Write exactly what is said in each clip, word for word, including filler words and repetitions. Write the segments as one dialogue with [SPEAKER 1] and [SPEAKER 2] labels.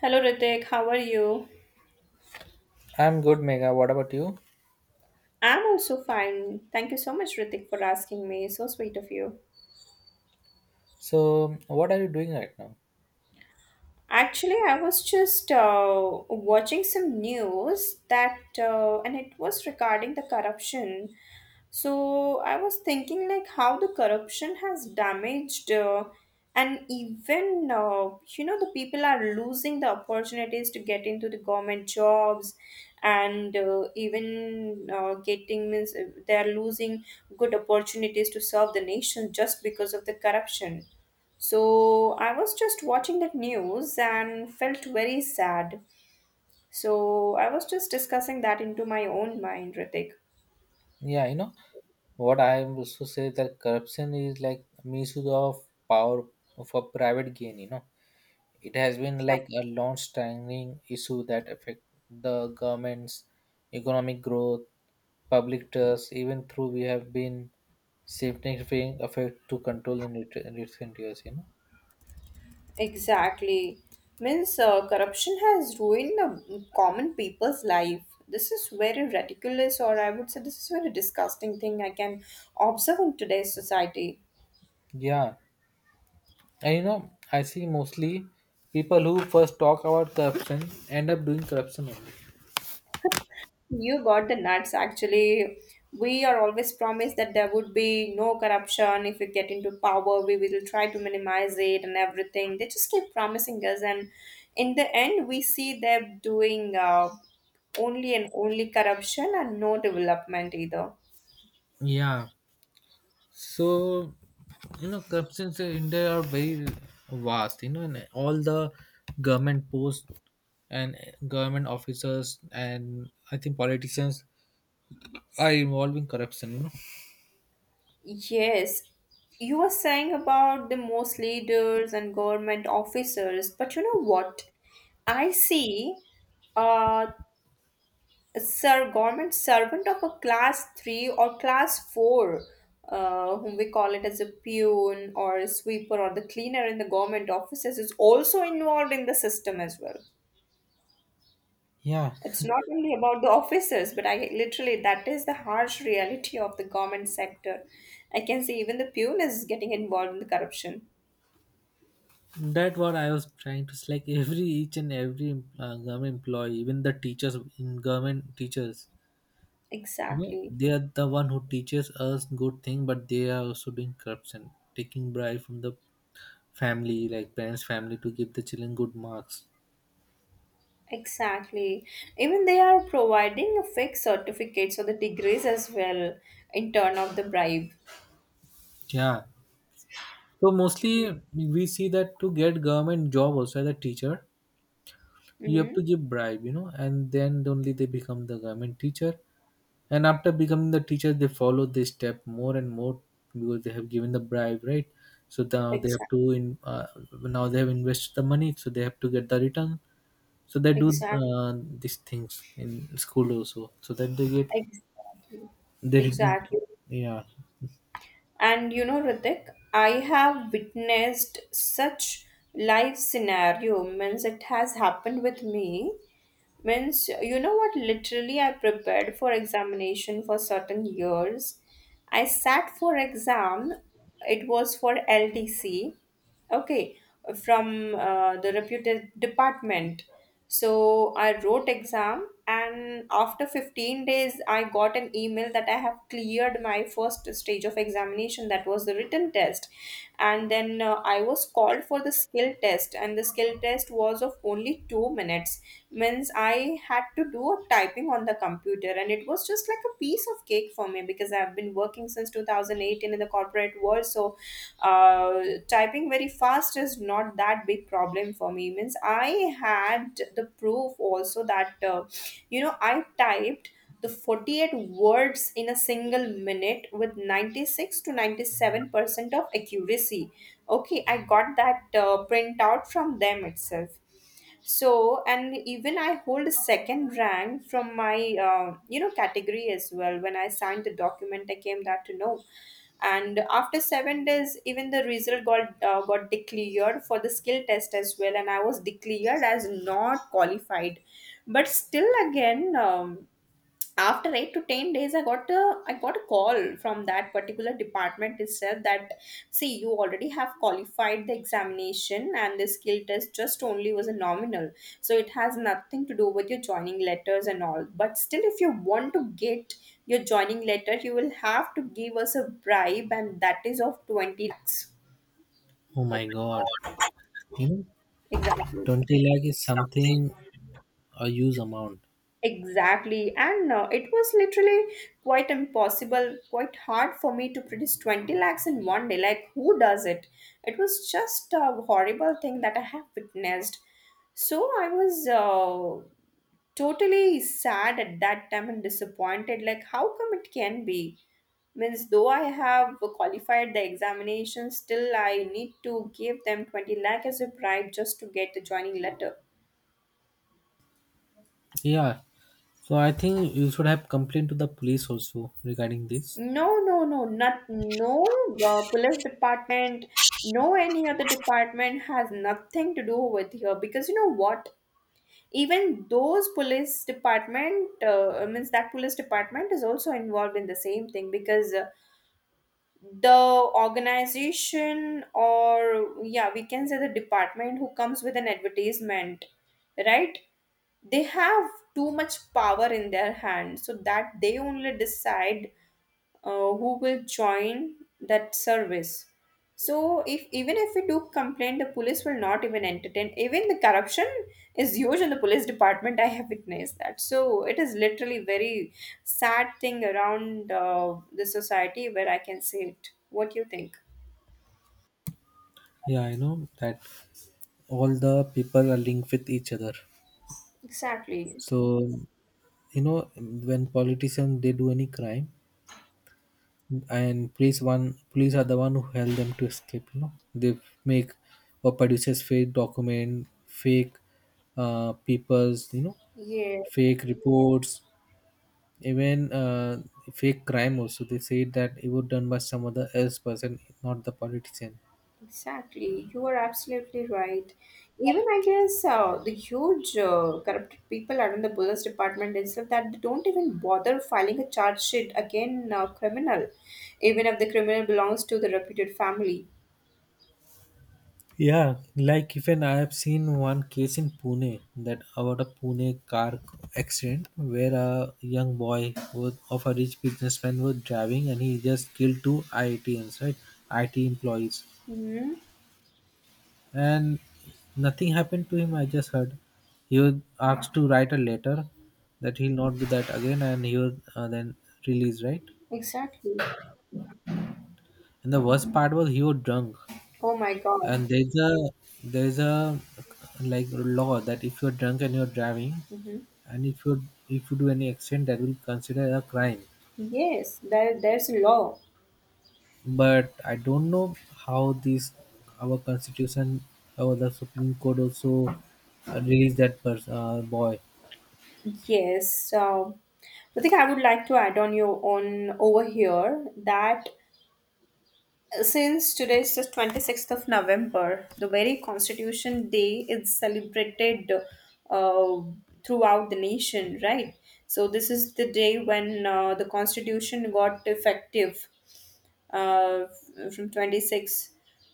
[SPEAKER 1] Hello Ritik, how are you?
[SPEAKER 2] I'm good, Mega. What about you?
[SPEAKER 1] I'm also fine. Thank you so much, Ritik, for asking me. So sweet of you.
[SPEAKER 2] So, what are you doing right now?
[SPEAKER 1] Actually, I was just uh, watching some news that, uh, and it was regarding the corruption. So I was thinking like how the corruption has damaged, uh, and even uh, you know the people are losing the opportunities to get into the government jobs, and uh, even uh, getting means uh, they are losing good opportunities to serve the nation just because of the corruption. So I was just watching that news and felt very sad. So I was just discussing that into my own mind, Ritik.
[SPEAKER 2] Yeah, you know what I was to say that corruption is like misuse of power for private gain. You know, it has been
[SPEAKER 1] Exa-
[SPEAKER 2] like a long-standing issue that affect the government's economic growth, public trust. Even through we have been significant effect to control in ret- recent years. You know,
[SPEAKER 1] Exactly. Means uh, Corruption has ruined the common people's life. This is very ridiculous, or I would say this is very disgusting thing I can observe in today's society.
[SPEAKER 2] yeah. And you know, I see mostly people who first talk about corruption end up doing corruption only.
[SPEAKER 1] You got the nuts. Actually, we are always promised that there would be no corruption. If we get into power, we will try to minimize it and everything. They just keep promising us, and in the end, we see them doing uh, only and only corruption and no development either.
[SPEAKER 2] Yeah. So, you know, corruptions in India are very vast, you know, and all the government posts and government officers and I think politicians are involved in corruption, you know.
[SPEAKER 1] Yes, you were saying about the most leaders and government officers, but you know what? I see. Uh, Sir, government servant of a class three or class four uh, whom we call it as a peon or a sweeper or the cleaner in the government offices is also involved in the system as well.
[SPEAKER 2] Yeah.
[SPEAKER 1] It's not only about the officers, but I literally, that is the harsh reality of the government sector. I can say even the peon is getting involved in the corruption.
[SPEAKER 2] That what I was trying to say. Like every each and every uh, government employee, even the teachers in government teachers, you know,
[SPEAKER 1] Exactly.
[SPEAKER 2] they are the one who teaches us good thing, but they are also doing corruption, taking bribe from the family, like parents' family, to give the children good marks.
[SPEAKER 1] Exactly. Even they are providing a fake certificates or the degrees as well in turn of the bribe.
[SPEAKER 2] Yeah. So mostly we see that to get government job also as a teacher, you have
[SPEAKER 1] Mm-hmm.
[SPEAKER 2] to give bribe, you know, and then only they become the government teacher. And after becoming the teacher, they follow this step more and more because they have given the bribe, right? So now they have
[SPEAKER 1] Exactly.
[SPEAKER 2] to in uh, now they have invested the money, so they have to get the return. So they do
[SPEAKER 1] Exactly.
[SPEAKER 2] uh, these things in school also so that they get
[SPEAKER 1] Exactly.
[SPEAKER 2] they reduce-
[SPEAKER 1] Exactly.
[SPEAKER 2] yeah.
[SPEAKER 1] And you know, Ritik, I have witnessed such life scenario. Means it has happened with me. Means you know what? Literally, I prepared for examination for certain years. I sat for exam. It was for L T C, okay, from uh, the reputed department. So I wrote exam, and after fifteen days, I got an email that I have cleared my first stage of examination, that was the written test. And then uh, I was called for the skill test, and the skill test was of only two minutes. Means I had to do a typing on the computer, and it was just like a piece piece of cake for me because I've been working since two thousand eighteen in the corporate world. So, uh, typing very fast is not that big problem for me. Means I had the proof also that uh, you know I typed the forty-eight words in a single minute with ninety-six to 97 percent of accuracy. Okay, I got that uh, printout from them itself. So and even I hold a second rank from my uh, you know category as well. When I signed the document, I came that to know. And after seven days, even the result got uh, got declared for the skill test as well, and I was declared as not qualified. But still again, um, after eight to ten days, i got a i got a call from that particular department. It said that, see, you already have qualified the examination and the skill test just only was a nominal. So it has nothing to do with your joining letters and all, but still if you want to get your joining letter, you will have to give us a bribe, and that is of twenty lakhs.
[SPEAKER 2] Oh my god, you know
[SPEAKER 1] Exactly.
[SPEAKER 2] twenty lakh is something, a huge amount.
[SPEAKER 1] Exactly. And uh, it was literally quite impossible, quite hard for me to produce twenty lakhs in one day. Like, who does it? It was just a horrible thing that I have witnessed. So I was uh, totally sad at that time and disappointed. Like, how come it can be? Means, though I have qualified the examination, still I need to give them twenty lakh as a bribe just to get the joining letter.
[SPEAKER 2] Yeah, so I think you should have complained to the police also regarding this.
[SPEAKER 1] No, no, no, not no uh, police department, no any other department has nothing to do with here, because you know what? Even those police department uh, means that police department is also involved in the same thing, because uh, the organization, or yeah, we can say the department who comes with an advertisement, right? They have too much power in their hand so that they only decide uh, who will join that service. So if even if we do complain, the police will not even entertain. Even the corruption is huge in the police department. I have witnessed that. So it is literally very sad thing around uh, the society where I can see it. What do you think?
[SPEAKER 2] Yeah, I know that all the people are linked with each other.
[SPEAKER 1] Exactly.
[SPEAKER 2] So you know, when politicians they do any crime, and police, one police are the one who help them to escape, you know. They make or produces fake document, fake uh, papers, you know,
[SPEAKER 1] Yeah.
[SPEAKER 2] fake reports, even uh, fake crime also they say that it was done by some other else person, not the politician.
[SPEAKER 1] Exactly, you are absolutely right. Even I guess uh, the huge uh, corrupted people around the police department itself that they don't even bother filing a charge sheet against a criminal, even if the criminal belongs to the reputed family.
[SPEAKER 2] Yeah, like even I have seen one case in Pune, that about a Pune car accident where a young boy was of a rich businessman was driving and he just killed two IITians, right? I T employees,
[SPEAKER 1] Hmm.
[SPEAKER 2] and nothing happened to him. I just heard he was asked to write a letter that he'll not do that again, and he was uh, then released, right?
[SPEAKER 1] Exactly.
[SPEAKER 2] And the worst part was he was drunk,
[SPEAKER 1] Oh my God.
[SPEAKER 2] and there's a there's a like law that if you're drunk and you're driving
[SPEAKER 1] Hmm.
[SPEAKER 2] and if you if you do any accident that will consider a crime.
[SPEAKER 1] Yes, there, there's a law.
[SPEAKER 2] But I don't know how this our constitution, our the supreme court also uh, released that person, uh, boy.
[SPEAKER 1] Yes. Um, I think I would like to add on your own over here that since today is the twenty-sixth of November, the very Constitution Day is celebrated uh, throughout the nation, right? So, this is the day when uh, the Constitution got effective uh, from twenty-six,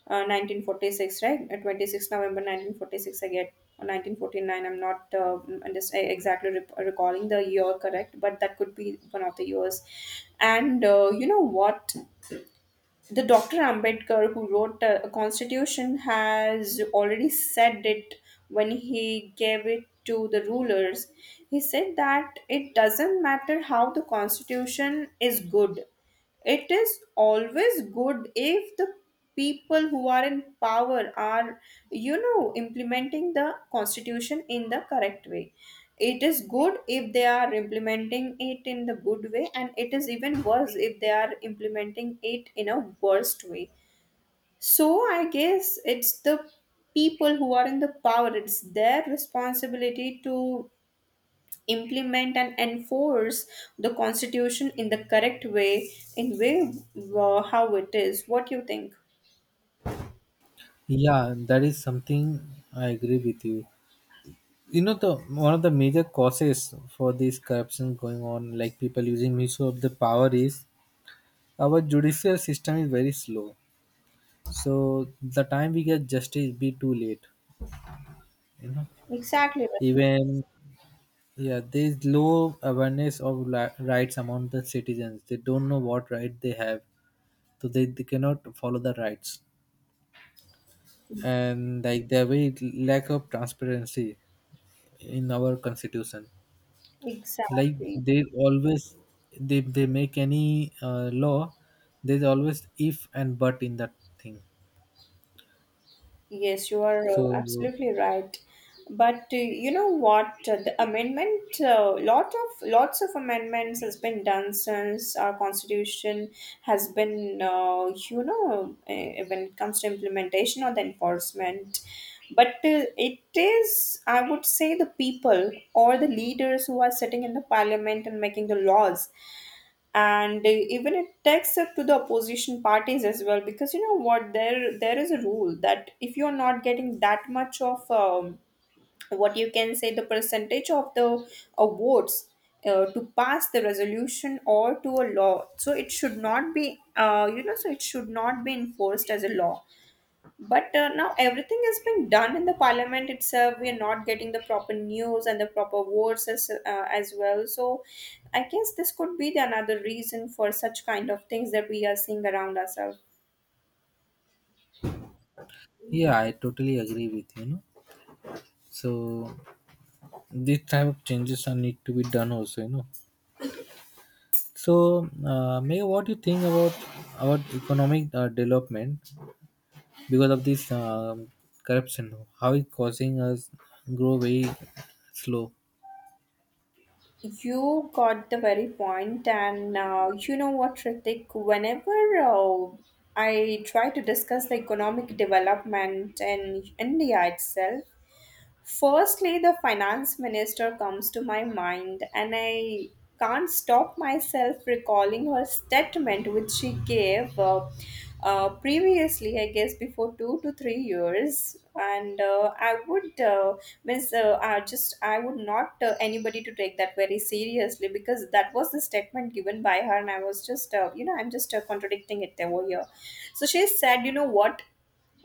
[SPEAKER 1] uh, nineteen forty-six, right? Uh, twenty-sixth of November nineteen forty-six, I get, or nineteen forty-nine. I'm not uh, just, uh, exactly rep- recalling the year correct, but that could be one of the years. And uh, you know what? The Doctor Ambedkar, who wrote the constitution, has already said it when he gave it to the rulers. He said that it doesn't matter how the constitution is good, it is always good if the people who are in power are you know implementing the constitution in the correct way. It is good if they are implementing it in the good way, and it is even worse if they are implementing it in a worst way. So I guess it's the people who are in the power, it's their responsibility to implement and enforce the constitution in the correct way, in way uh, how it is. What you think?
[SPEAKER 2] Yeah, that is something I agree with you. You know, the one of the major causes for this corruption going on, like people using misuse of the power, is our judicial system is very slow, so the time we get justice be too late, you know.
[SPEAKER 1] Exactly.
[SPEAKER 2] Even, yeah, there is low awareness of li- rights among the citizens. They don't know what right they have, so they, they cannot follow the rights. And like there very lack of transparency in our constitution. Like
[SPEAKER 1] Exactly.
[SPEAKER 2] they always they they make any uh, law, there's always if and but in that thing.
[SPEAKER 1] Yes, you are
[SPEAKER 2] So
[SPEAKER 1] uh, absolutely right. But uh, you know what? Uh, The amendment, uh, lot of lots of amendments has been done since our constitution has been, uh, you know, uh, when it comes to implementation or the enforcement. But uh, it is, I would say, the people or the leaders who are sitting in the parliament and making the laws. And uh, even it takes up to the opposition parties as well, because you know what, there there is a rule that if you're not getting that much of um, what you can say, the percentage of the uh, votes uh, to pass the resolution or to a law, so it should not be uh, you know so it should not be enforced as a law. But uh, now everything is being done in the parliament itself. We are not getting the proper news and the proper votes as, uh, as well. So I guess this could be the another reason for such kind of things that we are seeing around ourselves.
[SPEAKER 2] yeah, I totally agree with you, you know? So this type of changes are need to be done also, you know. So, uh, Maya, what do you think about about economic uh, development because of this um, corruption? How it causing us grow very slow?
[SPEAKER 1] You got the very point, and uh, you know what, Ritik? Whenever uh, I try to discuss the economic development in India itself, firstly, the finance minister comes to my mind, and I can't stop myself recalling her statement which she gave uh, uh, previously, I guess, before two to three years. And uh, I would uh, miss, uh, I just I would not uh, anybody to take that very seriously, because that was the statement given by her, and I was just uh, you know I'm just uh, contradicting it over here. So she said, you know what?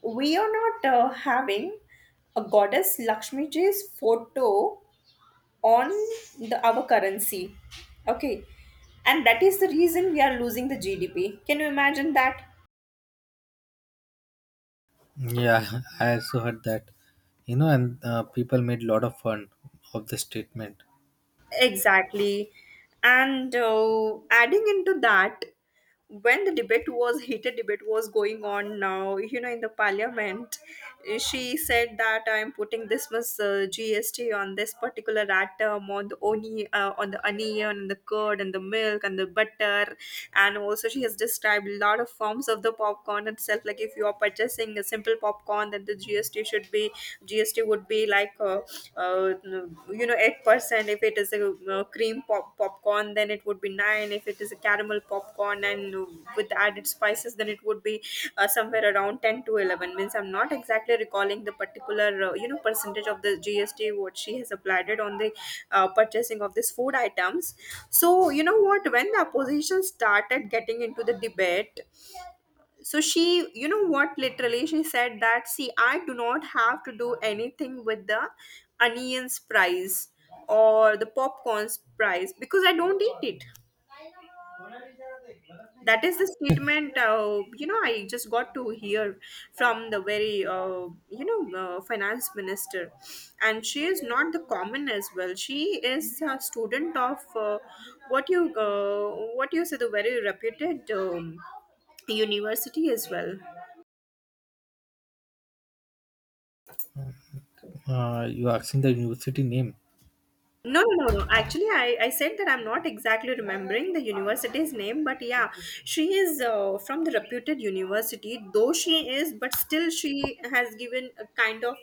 [SPEAKER 1] We are not uh, having a goddess Lakshmi ji's photo on the our currency. Okay. And that is the reason we are losing the G D P. Can you imagine that?
[SPEAKER 2] Yeah, I also heard that. You know, and uh, people made a lot of fun of the statement.
[SPEAKER 1] Exactly. And uh, adding into that, when the debate was heated debate was going on now, you know, in the parliament, uh, she said that I'm putting this much uh, gst on this particular item, on the oni uh, on the onion and the curd and the milk and the butter. And also she has described a lot of forms of the popcorn itself. Like, if you are purchasing a simple popcorn, then the gst should would be G S T would be like uh, uh, you know eight percent. If it is a uh, cream pop- popcorn, then it would be nine. If it is a caramel popcorn and with added spices, then it would be uh, somewhere around ten to eleven. Means I'm not exactly recalling the particular uh, you know percentage of the G S T what she has applied it on the uh, purchasing of these food items. So you know what? When the opposition started getting into the debate, so she you know what literally she said that, see, I do not have to do anything with the onions price or the popcorns price because I don't eat it. That is the statement uh, you know I just got to hear from the very uh, you know uh, finance minister. And she is not the common as well, she is a student of uh, what you uh, what you say the very reputed um, university as well.
[SPEAKER 2] Uh, you asking the university name?
[SPEAKER 1] No, no, no, no. Actually, I, I said that I'm not exactly remembering the university's name, but yeah, she is uh, from the reputed university, though she is, but still she has given a kind of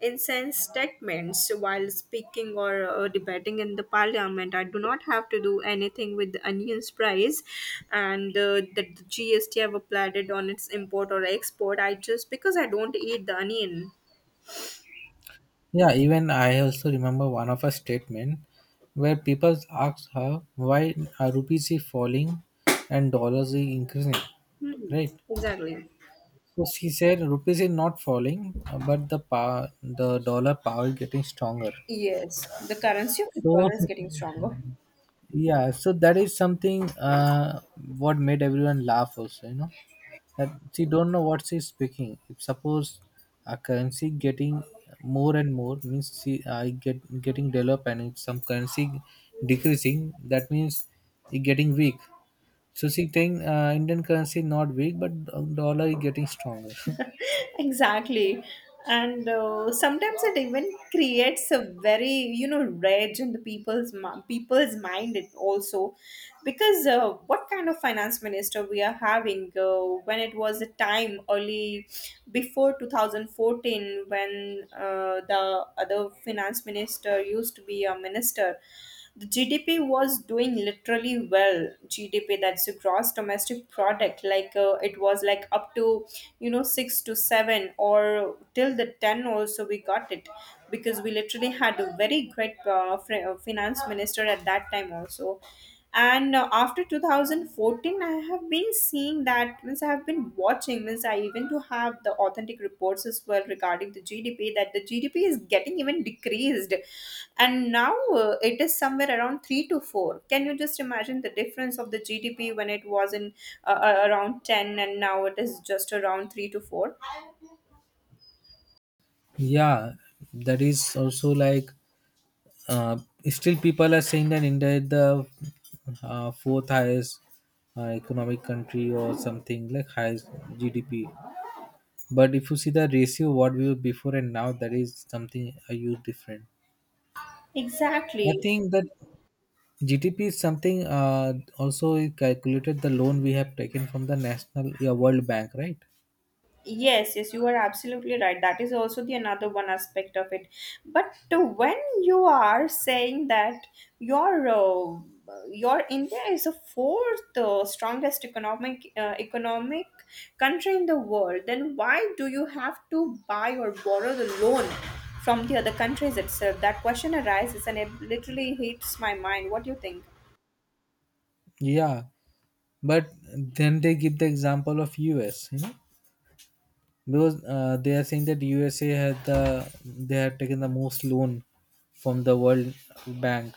[SPEAKER 1] incense statements while speaking or uh, debating in the parliament. I do not have to do anything with the onions price and uh, the G S T have applied it on its import or export, I just because I don't eat the onion.
[SPEAKER 2] Yeah, even I also remember one of a statement where people asked her why are rupees is falling and dollars is increasing,
[SPEAKER 1] Hmm,
[SPEAKER 2] right?
[SPEAKER 1] exactly.
[SPEAKER 2] So she said rupees is not falling, uh, but the power, the dollar power is getting stronger.
[SPEAKER 1] Yes, the currency of the
[SPEAKER 2] So
[SPEAKER 1] dollar is getting stronger.
[SPEAKER 2] yeah, so that is something uh, what made everyone laugh also, you know, that she don't know what she's speaking. If suppose a currency getting more and more means she I get getting developed, and if some currency decreasing, that means it getting weak. So she think uh, Indian currency not weak, but dollar is getting stronger.
[SPEAKER 1] Exactly. And uh, sometimes it even creates a very, you know, rage in the people's mi- people's mind it also, because uh, what kind of finance minister we are having, uh, when it was a time early before two thousand fourteen, when uh, the other finance minister used to be a minister. The G D P was doing literally well. G D P, that's the gross domestic product. Like uh, it was like up to, you know, six to seven or till the ten also we got it, because we literally had a very great uh, fr- uh, finance minister at that time also. And uh, after two thousand fourteen I have been seeing, that means I have been watching, means I even to have the authentic reports as well regarding the GDP, that the GDP is getting even decreased. And now uh, it is somewhere around three to four. Can you just imagine the difference of the GDP when it was in uh, uh, around ten and now it is just around three to four?
[SPEAKER 2] Yeah, that is also like uh, still people are saying that India is the uh, fourth highest uh, economic country or something like highest G D P. But if you see the ratio what we were before and now, that is something a huge different. I
[SPEAKER 1] Exactly.
[SPEAKER 2] think that G D P is something uh, also it calculated the loan we have taken from the national, yeah, World Bank, right?
[SPEAKER 1] Yes, yes, you are absolutely right. That is also the another one aspect of it. But uh, when you are saying that your uh, your India is the fourth uh, strongest economic uh, economic country in the world, then why do you have to buy or borrow the loan from the other countries itself? That question arises and it literally hits my mind. What do you think?
[SPEAKER 2] Yeah, but then they give the example of U S, you know, because uh, they are saying that U S A had the they had taken the most loan from the World Bank,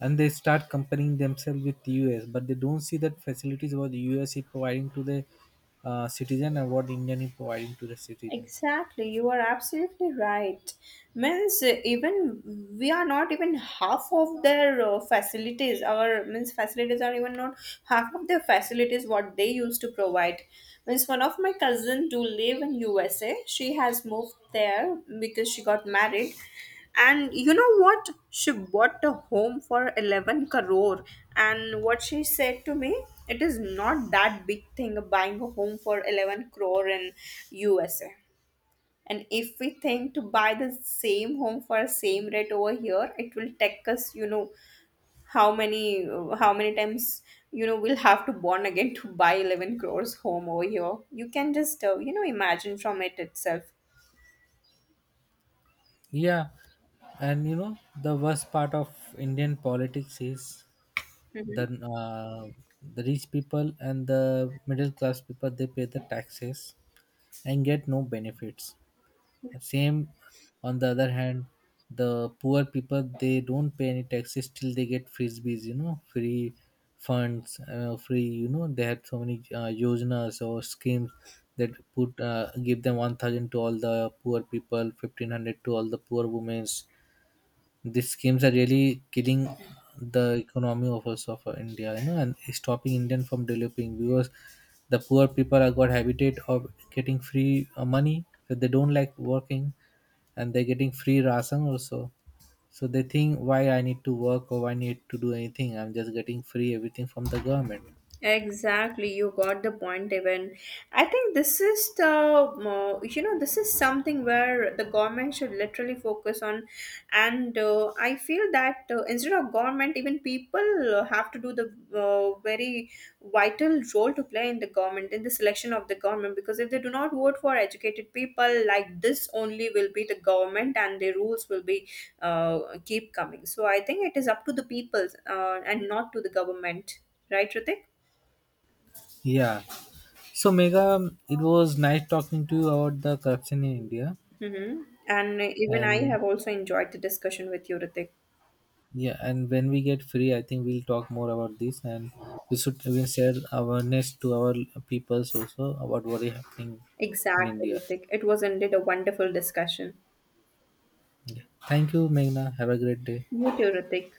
[SPEAKER 2] and they start comparing themselves with U S, but they don't see that facilities what U S is providing to the uh, citizen and what Indian is providing to the citizens.
[SPEAKER 1] Exactly, you are absolutely right. Means uh, even we are not even half of their uh, facilities. Our means facilities are even not half of their facilities what they used to provide. Means one of my cousins do live in U S A. She has moved there because she got married, and you know what? She bought a home for eleven crore. And what she said to me, it is not that big thing buying a home for eleven crore in U S A. And if we think to buy the same home for same rate over here, it will take us, you know, how many how many times, you know, we'll have to bond again to buy eleven crores home over here. You can just uh, you know imagine from it itself.
[SPEAKER 2] Yeah, and you know the worst part of Indian politics is
[SPEAKER 1] Mm-hmm.
[SPEAKER 2] the uh, the rich people and the middle class people they pay the taxes and get no benefits. Same on the other hand, the poor people they don't pay any taxes till they get frisbees, you know, free funds, uh, free, you know, they had so many uh, yojanas or schemes that put uh, give them one thousand to all the poor people, fifteen hundred to all the poor women. These schemes are really killing the economy of also of India, you know, and stopping Indian from developing, because the poor people are got habitat of getting free uh, money, so they don't like working, and they're getting free ration also. So they think why I need to work or I need to do anything. I'm just getting free everything from the government.
[SPEAKER 1] Exactly, you got the point, even. I think this is the, uh, you know, this is something where the government should literally focus on. And uh, I feel that uh, instead of government, even people uh, have to do the uh, very vital role to play in the government, in the selection of the government. Because if they do not vote for educated people, like this only will be the government and their rules will be uh, keep coming. So I think it is up to the people uh, and not to the government. Right, Ritik?
[SPEAKER 2] Yeah. So Mega, it was nice talking to you about the corruption in India,
[SPEAKER 1] Mm-hmm. And even I
[SPEAKER 2] and
[SPEAKER 1] have also enjoyed the discussion with you, Ritik.
[SPEAKER 2] yeah, and when we get free, I think we'll talk more about this, and we should we share awareness to our peoples also about what is happening in
[SPEAKER 1] Exactly,
[SPEAKER 2] India.
[SPEAKER 1] Ritik. It was indeed a wonderful discussion.
[SPEAKER 2] Thank you, Meghna. Have a great day.
[SPEAKER 1] You too, Ritik.